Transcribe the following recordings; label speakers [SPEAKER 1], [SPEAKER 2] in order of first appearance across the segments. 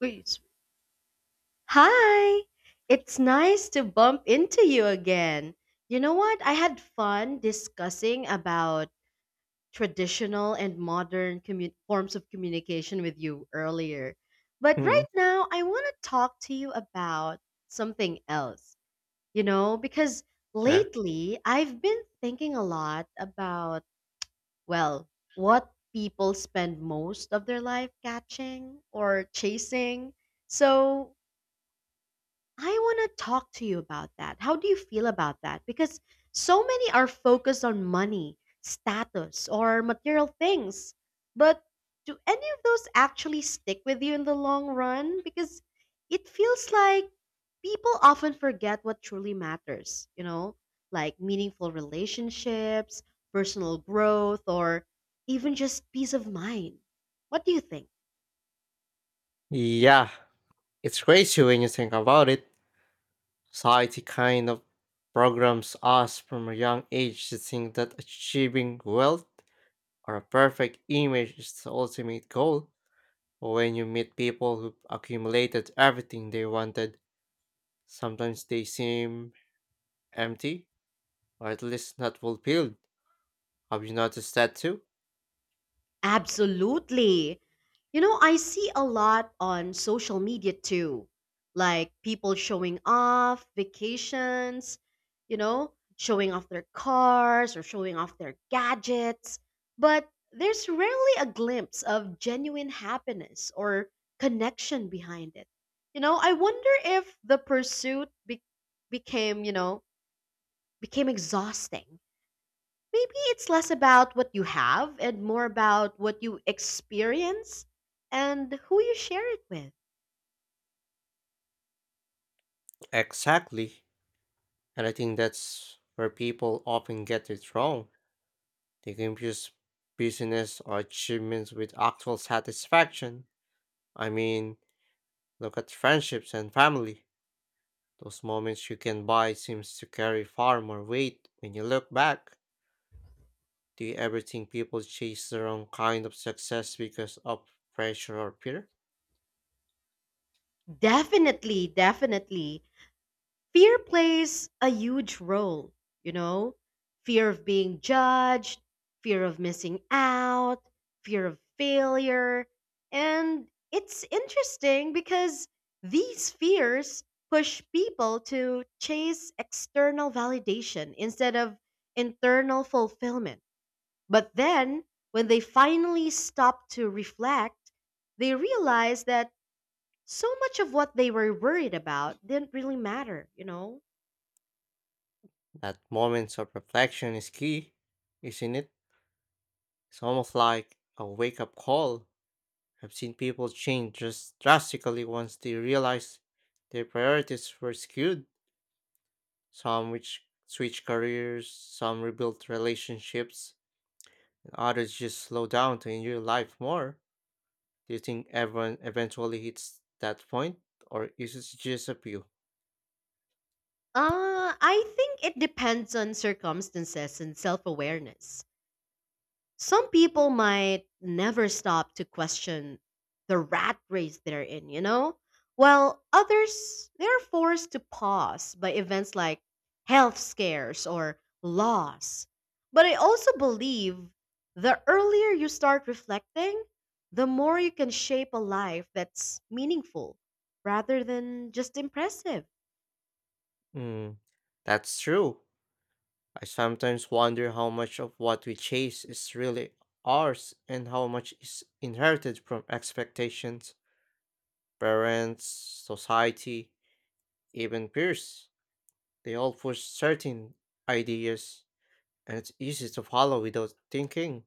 [SPEAKER 1] Please. Hi! It's nice to bump into you again. You know what? I had fun discussing about traditional and modern forms of communication with you earlier. But
[SPEAKER 2] Mm,
[SPEAKER 1] right now, I want to talk to you about something else. You know, because
[SPEAKER 2] yeah.
[SPEAKER 1] lately I've been thinking a lot about, well, what people spend most of their life catching or chasing. So, I want to talk to you about that. How do you feel about that? Because so many are focused on money, status, or material things. But do any of those actually stick with you in the long run? Because it feels like people often forget what truly matters, you know, like meaningful relationships, personal growth, or even just peace of mind. What do you think?
[SPEAKER 2] Yeah, it's crazy when you think about it. Society kind of programs us from a young age to think that achieving wealth or a perfect image is the ultimate goal. But when you meet people who accumulated everything they wanted, sometimes they seem empty or at least not fulfilled. Have you noticed that too?
[SPEAKER 1] Absolutely. You know, I see a lot on social media too, like people showing off vacations, you know, showing off their cars or showing off their gadgets. But there's rarely a glimpse of genuine happiness or connection behind it. You know, I wonder if the became, you know, became exhausting. Maybe it's less about what you have and more about what you experience and who you share it with.
[SPEAKER 2] Exactly. And I think that's where people often get it wrong. They confuse business or achievements with actual satisfaction. I mean, look at friendships and family. Those moments you can buy seems to carry far more weight when you look back. Do you ever think people chase the wrong kind of success because of pressure or fear?
[SPEAKER 1] Definitely, definitely. Fear plays a huge role, you know? Fear of being judged, fear of missing out, fear of failure. And it's interesting because these fears push people to chase external validation instead of internal fulfillment. But then, when they finally stopped to reflect, they realized that so much of what they were worried about didn't really matter, you know?
[SPEAKER 2] That moments of reflection is key, isn't it? It's almost like a wake up call. I've seen people change just drastically once they realized their priorities were skewed, some which switch careers, some rebuilt relationships, and others just slow down to enjoy life more. Do you think everyone eventually hits that point, or is it just a few?
[SPEAKER 1] I think it depends on circumstances and self awareness. Some people might never stop to question the rat race they're in, you know? While others, they're forced to pause by events like health scares or loss. But I also believe the earlier you start reflecting, the more you can shape a life that's meaningful rather than just impressive.
[SPEAKER 2] Mm, that's true. I sometimes wonder how much of what we chase is really ours and how much is inherited from expectations, parents, society, even peers, they all push certain ideas, and it's easy to follow without thinking.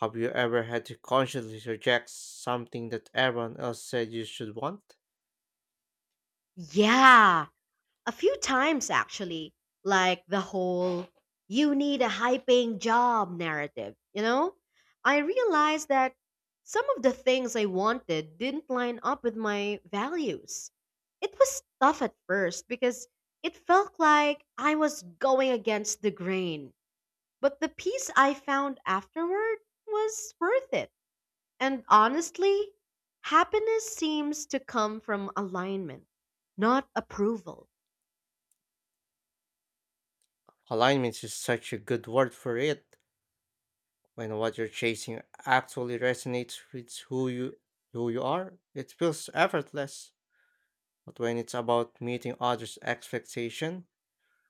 [SPEAKER 2] Have you ever had to consciously reject something that everyone else said you should want?
[SPEAKER 1] Yeah, a few times, actually, like the whole you need a high paying job narrative, you know? I realized that some of the things I wanted didn't line up with my values. It was tough at first because it felt like I was going against the grain. But the peace I found afterward was worth it. And honestly, happiness seems to come from alignment, not approval.
[SPEAKER 2] Alignment is such a good word for it. When what you're chasing actually resonates with who you are, it feels effortless. But when it's about meeting others' expectation,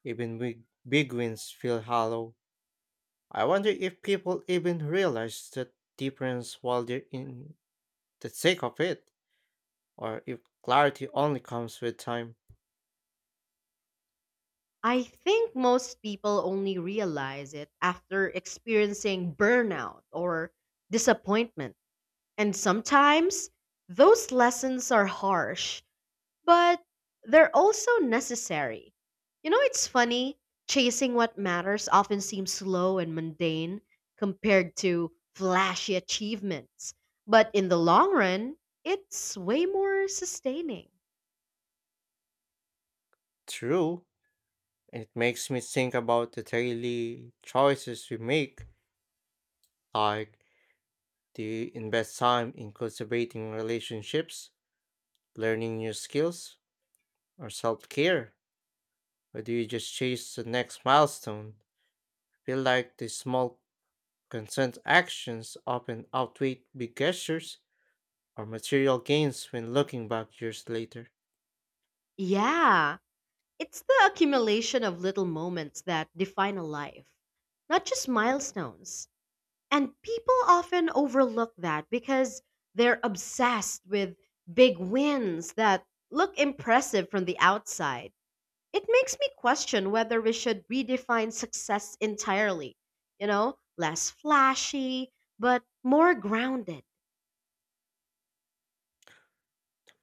[SPEAKER 2] even big, big wins feel hollow. I wonder if people even realize the difference while they're in the thick of it, or if clarity only comes with time.
[SPEAKER 1] I think most people only realize it after experiencing burnout or disappointment. And sometimes those lessons are harsh, but they're also necessary. You know, it's funny, chasing what matters often seems slow and mundane compared to flashy achievements. But in the long run, it's way more sustaining.
[SPEAKER 2] True, it makes me think about the daily choices we make, like do you invest time in cultivating relationships, learning new skills, or self care, or do you just chase the next milestone? I feel like the small consent actions often outweigh big gestures or material gains when looking back years later.
[SPEAKER 1] Yeah. It's the accumulation of little moments that define a life, not just milestones. And people often overlook that because they're obsessed with big wins that look impressive from the outside. It makes me question whether we should redefine success entirely. You know, less flashy, but more grounded.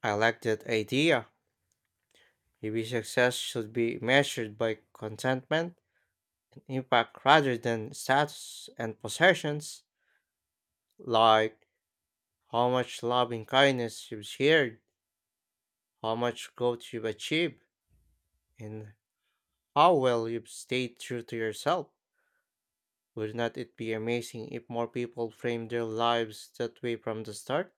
[SPEAKER 2] I like that idea. Maybe success should be measured by contentment and impact rather than status and possessions, like how much loving kindness you've shared, how much growth you've achieved, and how well you've stayed true to yourself. Would not it be amazing if more people framed their lives that way from the start?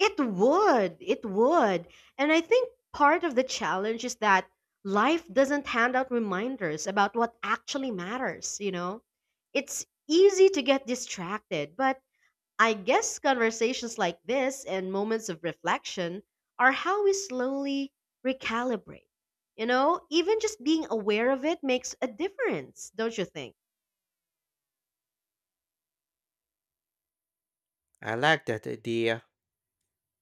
[SPEAKER 1] It would. It would. And I think part of the challenge is that life doesn't hand out reminders about what actually matters, you know? It's easy to get distracted, but I guess conversations like this and moments of reflection are how we slowly recalibrate. You know, even just being aware of it makes a difference, don't you think?
[SPEAKER 2] I like that idea.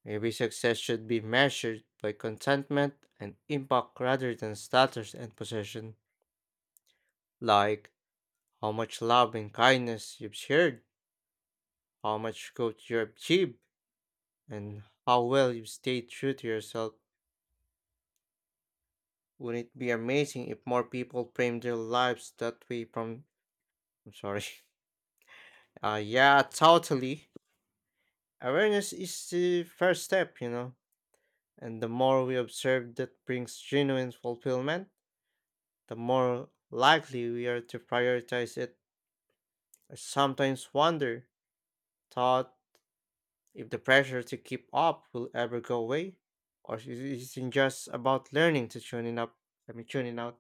[SPEAKER 2] Maybe success should be measured by contentment and impact rather than status and possession, like how much love and kindness you've shared, how much good you achieved, and how well you stayed true to yourself. Wouldn't it be amazing if more people framed their lives that way from I'm sorry. Yeah, totally. Awareness is the first step, you know. And the more we observe that brings genuine fulfillment, the more likely we are to prioritize it. I sometimes wonder, thought, if the pressure to keep up will ever go away, or is it just about learning to tune it up? I mean, tuning out.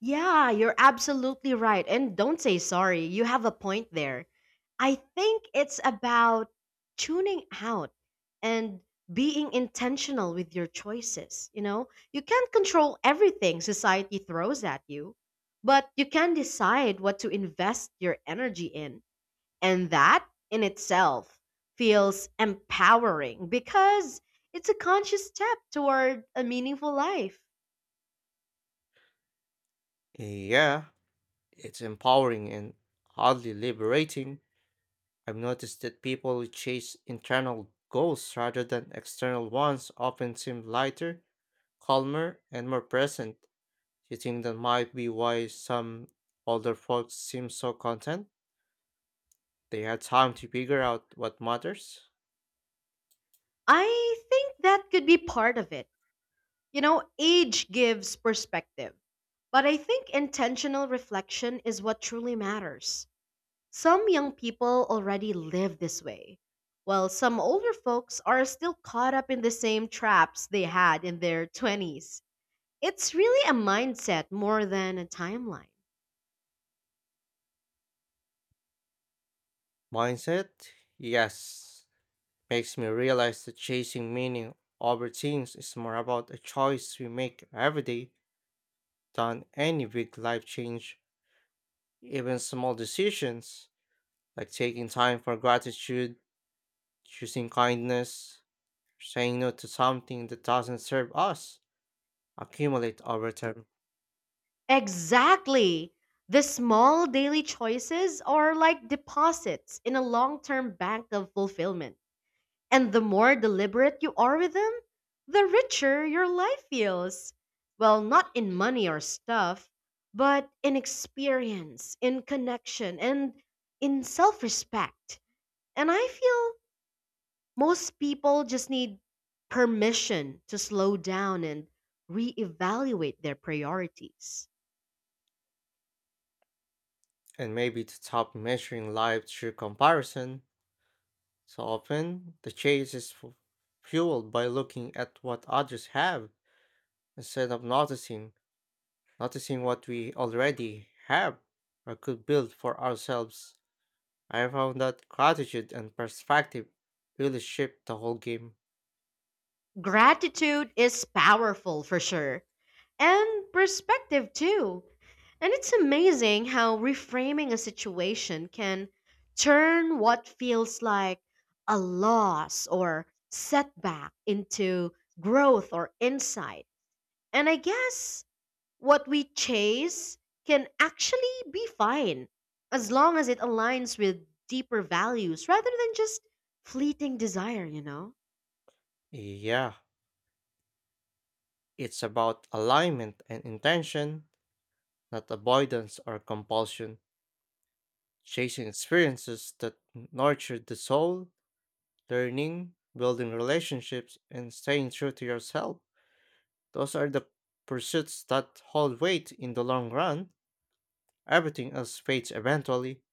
[SPEAKER 1] Yeah, you're absolutely right. And don't say sorry. You have a point there. I think it's about tuning out and being intentional with your choices. You know, you can't control everything society throws at you, but you can decide what to invest your energy in. And that in itself feels empowering because it's a conscious step toward a meaningful life.
[SPEAKER 2] Yeah, it's empowering and oddly liberating. I've noticed that people who chase internal goals rather than external ones often seem lighter, calmer, and more present. Do you think that might be why some older folks seem so content? They had time to figure out what matters.
[SPEAKER 1] I think that could be part of it. You know, age gives perspective. But I think intentional reflection is what truly matters. Some young people already live this way, while some older folks are still caught up in the same traps they had in their 20s. It's really a mindset more than a timeline.
[SPEAKER 2] Mindset? Yes. Makes me realize that chasing meaning over things is more about a choice we make every day than any big life change. Even small decisions, like taking time for gratitude, choosing kindness, saying no to something that doesn't serve us, accumulate over time.
[SPEAKER 1] Exactly. The small daily choices are like deposits in a long term bank of fulfillment. And the more deliberate you are with them, the richer your life feels. Well, not in money or stuff, but in experience, in connection, and in self respect. And I feel most people just need permission to slow down and reevaluate their priorities.
[SPEAKER 2] And maybe to stop measuring life through comparison. So often, the chase is fueled by looking at what others have instead of noticing what we already have or could build for ourselves. I found that gratitude and perspective really shape the whole game.
[SPEAKER 1] Gratitude is powerful for sure, and perspective too. And it's amazing how reframing a situation can turn what feels like a loss or setback into growth or insight. And I guess what we chase can actually be fine as long as it aligns with deeper values rather than just fleeting desire, you know?
[SPEAKER 2] Yeah, it's about alignment and intention, not avoidance or compulsion. Chasing experiences that nurture the soul, learning, building relationships, and staying true to yourself. Those are the pursuits that hold weight in the long run. Everything else fades eventually,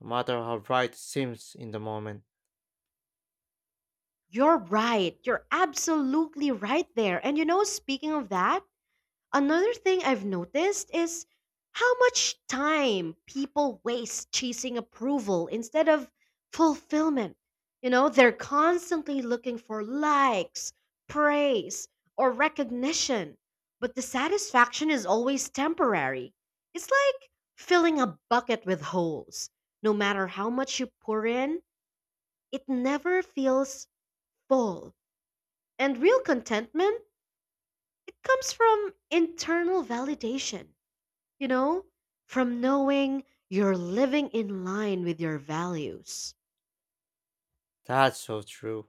[SPEAKER 2] no matter how bright it seems in the moment.
[SPEAKER 1] You're right. You're absolutely right there. And you know, speaking of that, another thing I've noticed is how much time people waste chasing approval instead of fulfillment. You know, they're constantly looking for likes, praise, or recognition, but the satisfaction is always temporary. It's like filling a bucket with holes. No matter how much you pour in, it never feels full. And real contentment, it comes from internal validation, you know, from knowing you're living in line with your values.
[SPEAKER 2] That's so true.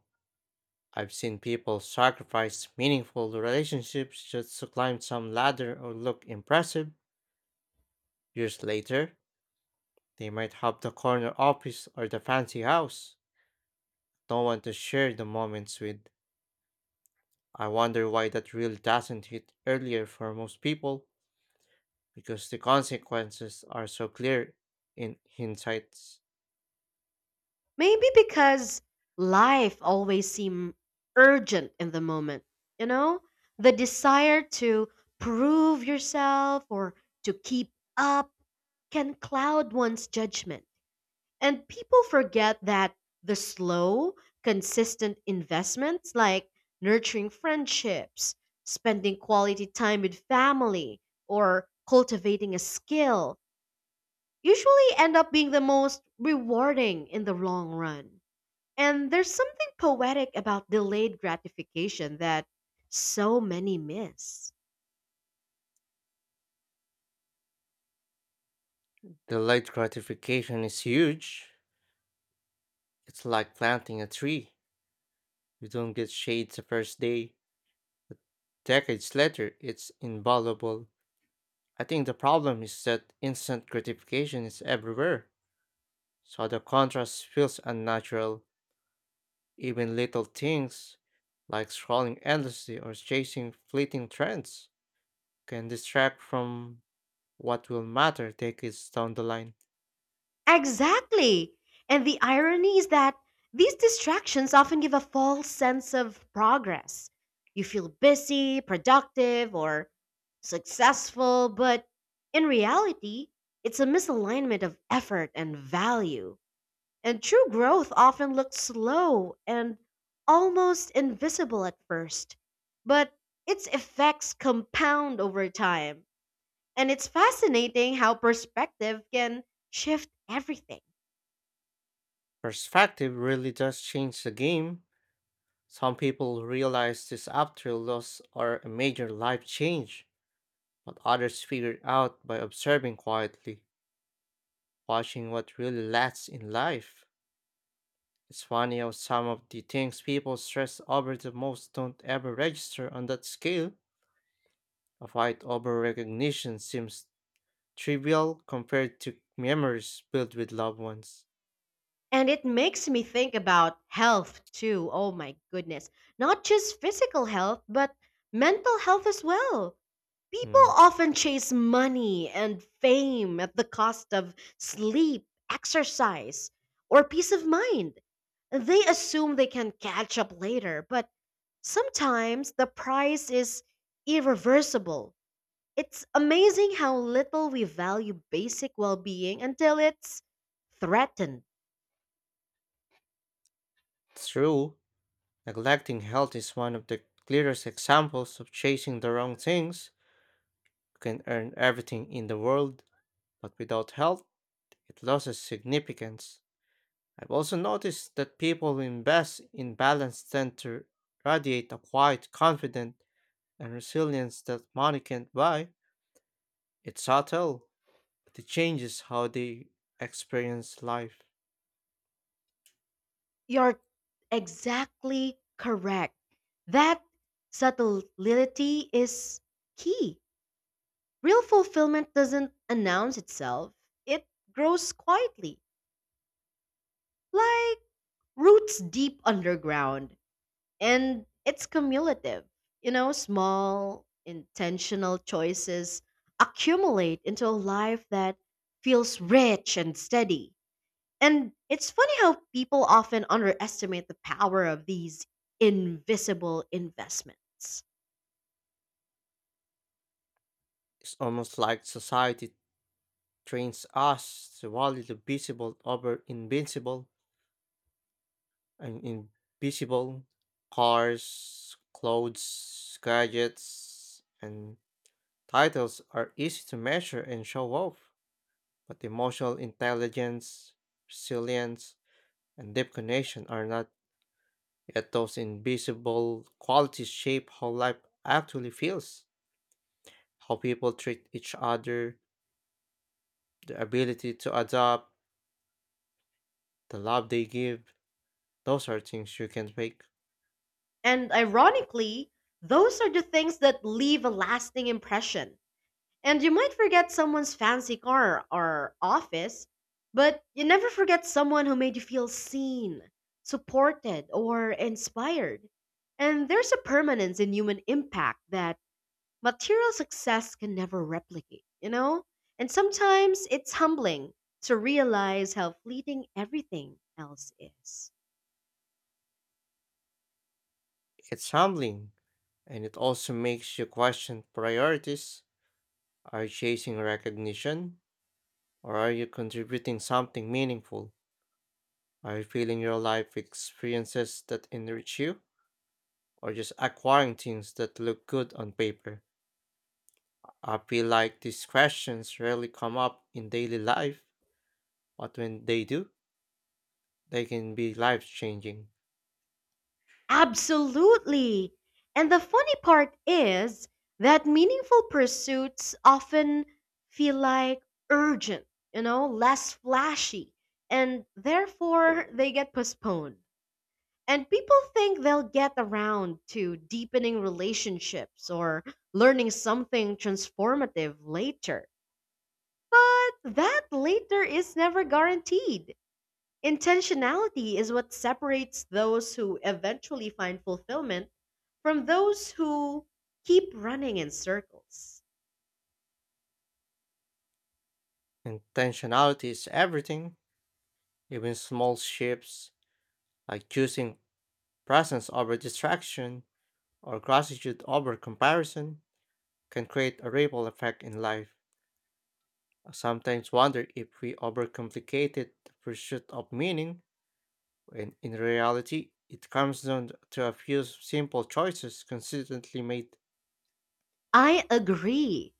[SPEAKER 2] I've seen people sacrifice meaningful relationships just to climb some ladder or look impressive. Years later, they might have the corner office or the fancy house. No one to share the moments with. I wonder why that really doesn't hit earlier for most people. Because the consequences are so clear in hindsight.
[SPEAKER 1] Maybe because life always seemed urgent in the moment, you know? The desire to prove yourself or to keep up can cloud one's judgment. And people forget that the slow, consistent investments like nurturing friendships, spending quality time with family, or cultivating a skill usually end up being the most rewarding in the long run. And there's something poetic about delayed gratification that so many miss.
[SPEAKER 2] The late gratification is huge. It's like planting a tree. You don't get shade the first day. Decades later, it's invaluable. I think the problem is that instant gratification is everywhere, so the contrast feels unnatural. Even little things, like scrolling endlessly or chasing fleeting trends, can distract from what will matter decades down the line.
[SPEAKER 1] Exactly. And the irony is that these distractions often give a false sense of progress. You feel busy, productive, or successful, but in reality, it's a misalignment of effort and value. And true growth often looks slow and almost invisible at first, but its effects compound over time. And it's fascinating how perspective can shift everything.
[SPEAKER 2] Perspective really does change the game. Some people realize this after loss or a major life change, but others figure it out by observing quietly, watching what really lasts in life. It's funny how some of the things people stress over the most don't ever register on that scale. A fight over recognition seems trivial compared to memories built with loved ones.
[SPEAKER 1] And it makes me think about health too. Oh my goodness. Not just physical health, but mental health as well. People
[SPEAKER 2] Mm,
[SPEAKER 1] often chase money and fame at the cost of sleep, exercise, or peace of mind. They assume they can catch up later, but sometimes the price is irreversible. It's amazing how little we value basic well being until it's threatened.
[SPEAKER 2] true. Neglecting health is one of the clearest examples of chasing the wrong things. You can earn everything in the world, but without health, it loses significance. I've also noticed that people who invest in balance tend to radiate a quiet confidence and resilience that money can't buy. It's subtle, but it changes how they experience life.
[SPEAKER 1] You're exactly correct. That subtlety is key. Real fulfillment doesn't announce itself, it grows quietly, like roots deep underground. And it's cumulative. You know, small, intentional choices accumulate into a life that feels rich and steady. And it's funny how people often underestimate the power of these invisible investments.
[SPEAKER 2] It's almost like society trains us to value the visible over invincible. I'm invisible. Cars, clothes, gadgets, and titles are easy to measure and show off, but emotional intelligence, resilience, and deep connection are not. Yet those invisible qualities shape how life actually feels, how people treat each other, the ability to adapt, the love they give. Those are things you can fake.
[SPEAKER 1] And ironically, those are the things that leave a lasting impression. And you might forget someone's fancy car or office, but you never forget someone who made you feel seen, supported, or inspired. And there's a permanence in human impact that material success can never replicate, you know? And sometimes it's humbling to realize how fleeting everything else is.
[SPEAKER 2] It's humbling, and it also makes you question priorities. Are you chasing recognition? Or are you contributing something meaningful? Are you filling your life with experiences that enrich you? Or just acquiring things that look good on paper? I feel like these questions rarely come up in daily life, but when they do, they can be life changing.
[SPEAKER 1] Absolutely. And the funny part is that meaningful pursuits often feel like urgent, you know, less flashy, and therefore they get postponed. And people think they'll get around to deepening relationships or learning something transformative later. But that later is never guaranteed. Intentionality is what separates those who eventually find fulfillment from those who keep running in circles.
[SPEAKER 2] Intentionality is everything, even small shifts like choosing presence over distraction or gratitude over comparison can create a ripple effect in life. I sometimes wonder if we overcomplicated the pursuit of meaning when in reality it comes down to a few simple choices consistently made.
[SPEAKER 1] I agree.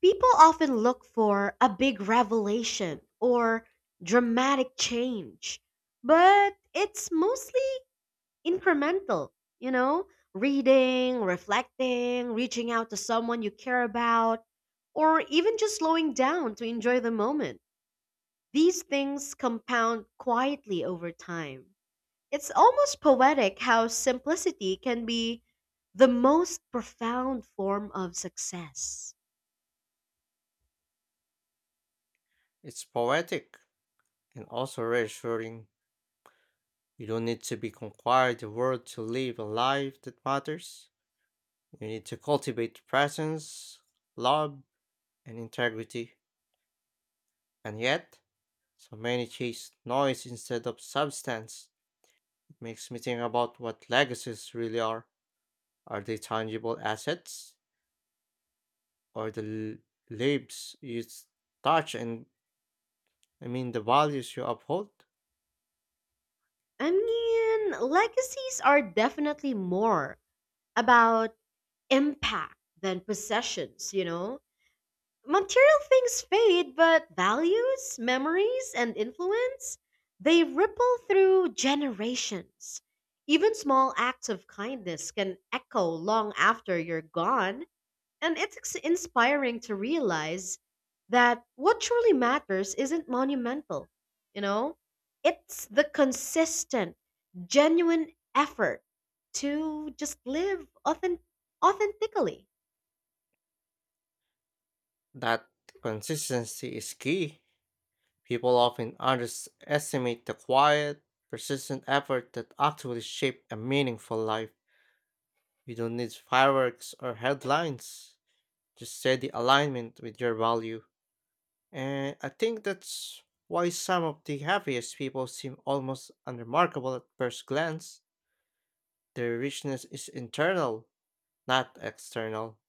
[SPEAKER 1] People often look for a big revelation or dramatic change, but it's mostly incremental, you know, reading, reflecting, reaching out to someone you care about, or even just slowing down to enjoy the moment. These things compound quietly over time. It's almost poetic how simplicity can be the most profound form of success.
[SPEAKER 2] It's poetic and also reassuring. You don't need to be conquered the world to live a life that matters. You need to cultivate presence, love, and integrity. And yet, so many chase noise instead of substance. It makes me think about what legacies really are. Are they tangible assets or the labels you touch and I mean the values you uphold?
[SPEAKER 1] I mean, legacies are definitely more about impact than possessions, you know? Material things fade, but values, memories, and influence, they ripple through generations. Even small acts of kindness can echo long after you're gone, and it's inspiring to realize that what truly matters isn't monumental, you know? It's the consistent, genuine effort to just authentically.
[SPEAKER 2] That consistency is key. People often underestimate the quiet, persistent effort that actually shape a meaningful life. You don't need fireworks or headlines, just steady alignment with your value. And I think that's why some of the happiest people seem almost unremarkable at first glance. Their richness is internal, not external.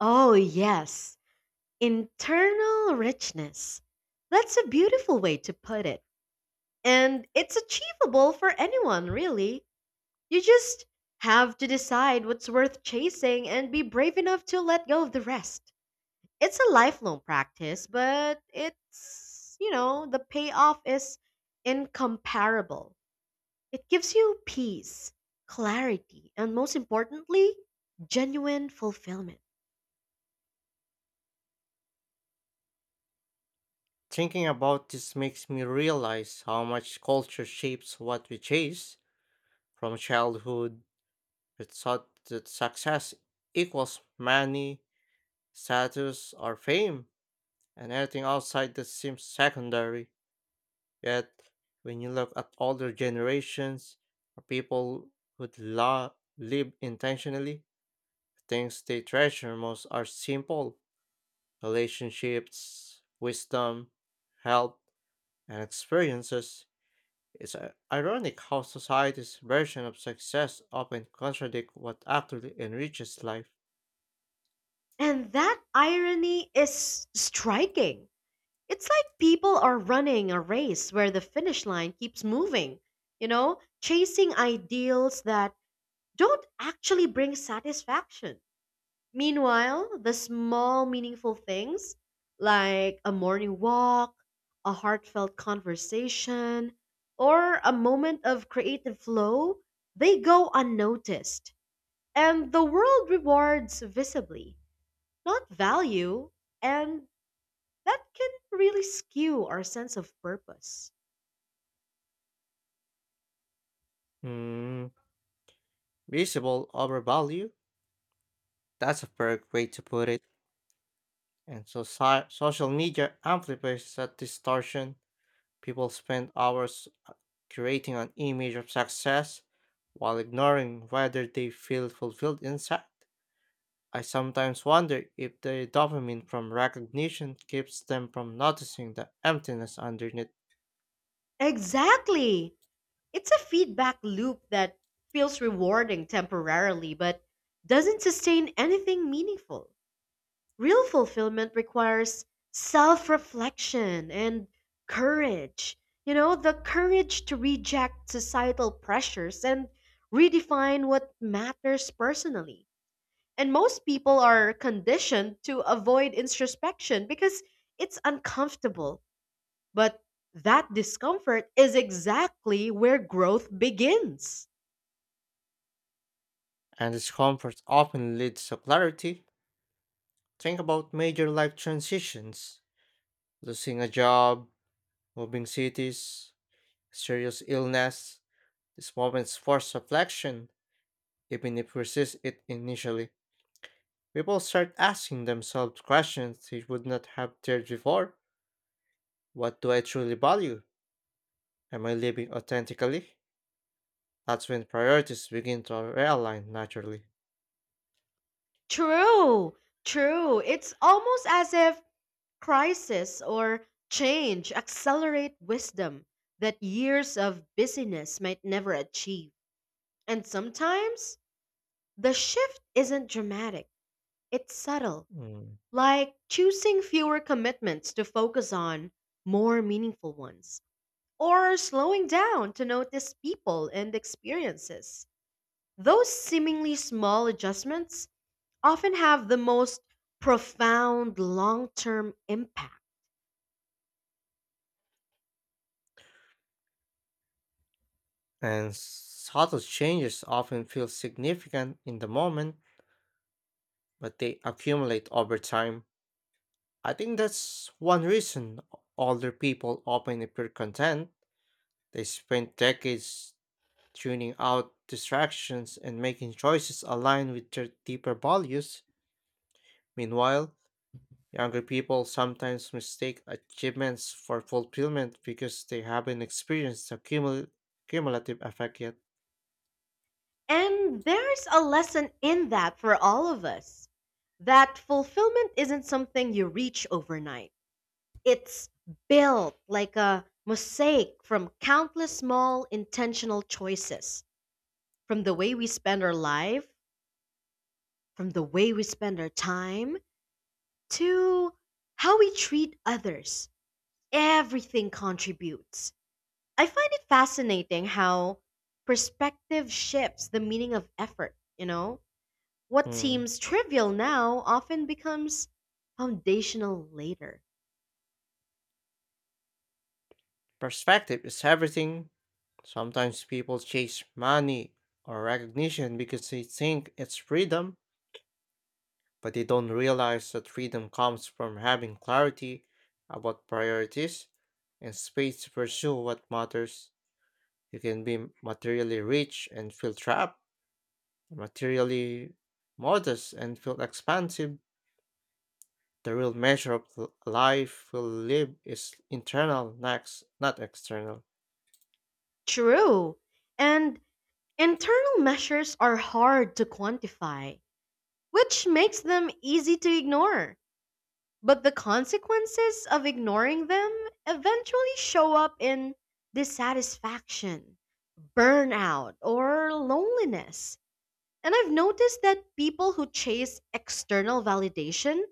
[SPEAKER 1] Oh, yes. Internal richness. That's a beautiful way to put it. And it's achievable for anyone, really. You just have to decide what's worth chasing and be brave enough to let go of the rest. It's a lifelong practice, but it's, you know, the payoff is incomparable. It gives you peace, clarity, and most importantly, genuine fulfillment.
[SPEAKER 2] Thinking about this makes me realize how much culture shapes what we chase. From childhood, we thought that success equals money, status, or fame, and anything outside that seems secondary. Yet, when you look at older generations, or people who live intentionally, the things they treasure most are simple relationships, wisdom, health, and experiences. It's ironic how society's version of success often contradicts what actually enriches life.
[SPEAKER 1] And that irony is striking. It's like people are running a race where the finish line keeps moving, you know, chasing ideals that don't actually bring satisfaction. Meanwhile, the small, meaningful things like a morning walk, a heartfelt conversation, or a moment of creative flow, they go unnoticed. And the world rewards visibly, not value. And that can really skew our sense of purpose.
[SPEAKER 2] Hmm, visible overvalue? That's a perfect way to put it. And social media amplifies that distortion. People spend hours creating an image of success while ignoring whether they feel fulfilled inside. I sometimes wonder if the dopamine from recognition keeps them from noticing the emptiness underneath,
[SPEAKER 1] Exactly. It's a feedback loop that feels rewarding temporarily but doesn't sustain anything meaningful. Real fulfillment requires self reflection and courage. You know, the courage to reject societal pressures and redefine what matters personally. And most people are conditioned to avoid introspection because it's uncomfortable. But that discomfort is exactly where growth begins.
[SPEAKER 2] and discomfort often leads to clarity. Think about major life transitions losing a job, moving cities, serious illness. These moments force reflection, even if we resist it initially. People start asking themselves questions they would not have dared before. What do I truly value? Am I living authentically? That's when priorities begin to realign naturally.
[SPEAKER 1] True, true. It's almost as if crisis or change accelerate wisdom that years of busyness might never achieve. And sometimes the shift isn't dramatic, it's subtle,
[SPEAKER 2] Mm.
[SPEAKER 1] like choosing fewer commitments to focus on more meaningful ones, or slowing down to notice people and experiences. Those seemingly small adjustments often have the most profound long term impact.
[SPEAKER 2] And subtle changes often feel significant in the moment, but they accumulate over time. I think that's one reason older people often appear content. They spend decades tuning out distractions and making choices aligned with their deeper values. Meanwhile, younger people sometimes mistake achievements for fulfillment because they haven't experienced the cumulative effect yet.
[SPEAKER 1] And there's a lesson in that for all of us that fulfillment isn't something you reach overnight, it's built like a mosaic from countless small intentional choices, from the way we spend our life, from the way we spend our time, to how we treat others. Everything contributes. I find it fascinating how perspective shifts the meaning of effort, you know? What
[SPEAKER 2] Mm.
[SPEAKER 1] seems trivial now often becomes foundational later.
[SPEAKER 2] Perspective is everything. Sometimes people chase money or recognition because they think it's freedom, but they don't realize that freedom comes from having clarity about priorities and space to pursue what matters. You can be materially rich and feel trapped, materially modest and feel expansive. The real measure of life we live is internal, next, not external.
[SPEAKER 1] True. And internal measures are hard to quantify, which makes them easy to ignore. But the consequences of ignoring them eventually show up in dissatisfaction, burnout, or loneliness. And I've noticed that people who chase external validation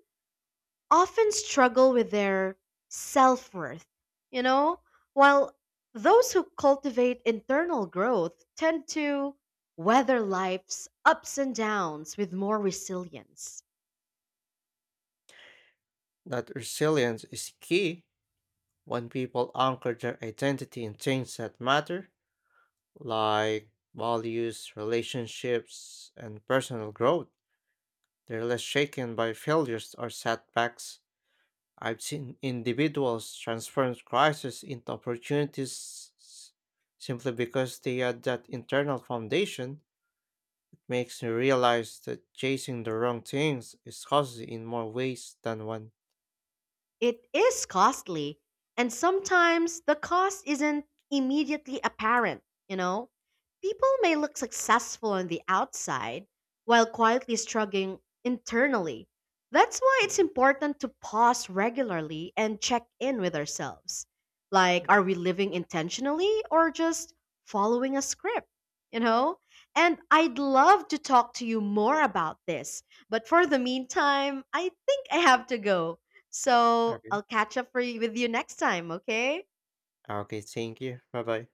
[SPEAKER 1] often struggle with their self worth, you know? While those who cultivate internal growth tend to weather life's ups and downs with more resilience.
[SPEAKER 2] That resilience is key when people anchor their identity in things that matter, like values, relationships, and personal growth. They're less shaken by failures or setbacks. I've seen individuals transform crises into opportunities simply because they had that internal foundation. It makes me realize that chasing the wrong things is costly in more ways than one.
[SPEAKER 1] It is costly, and sometimes the cost isn't immediately apparent, you know? People may look successful on the outside while quietly struggling internally. That's why it's
[SPEAKER 2] Mm,
[SPEAKER 1] important to pause regularly and check in with ourselves. Like, are
[SPEAKER 2] mm.
[SPEAKER 1] we living intentionally or just following a script, you know? And I'd love to talk to you more about this, but for the meantime, I think I have to go. So
[SPEAKER 2] Okay.
[SPEAKER 1] I'll catch up for you, with you next time, okay?
[SPEAKER 2] Okay, thank you. Bye bye.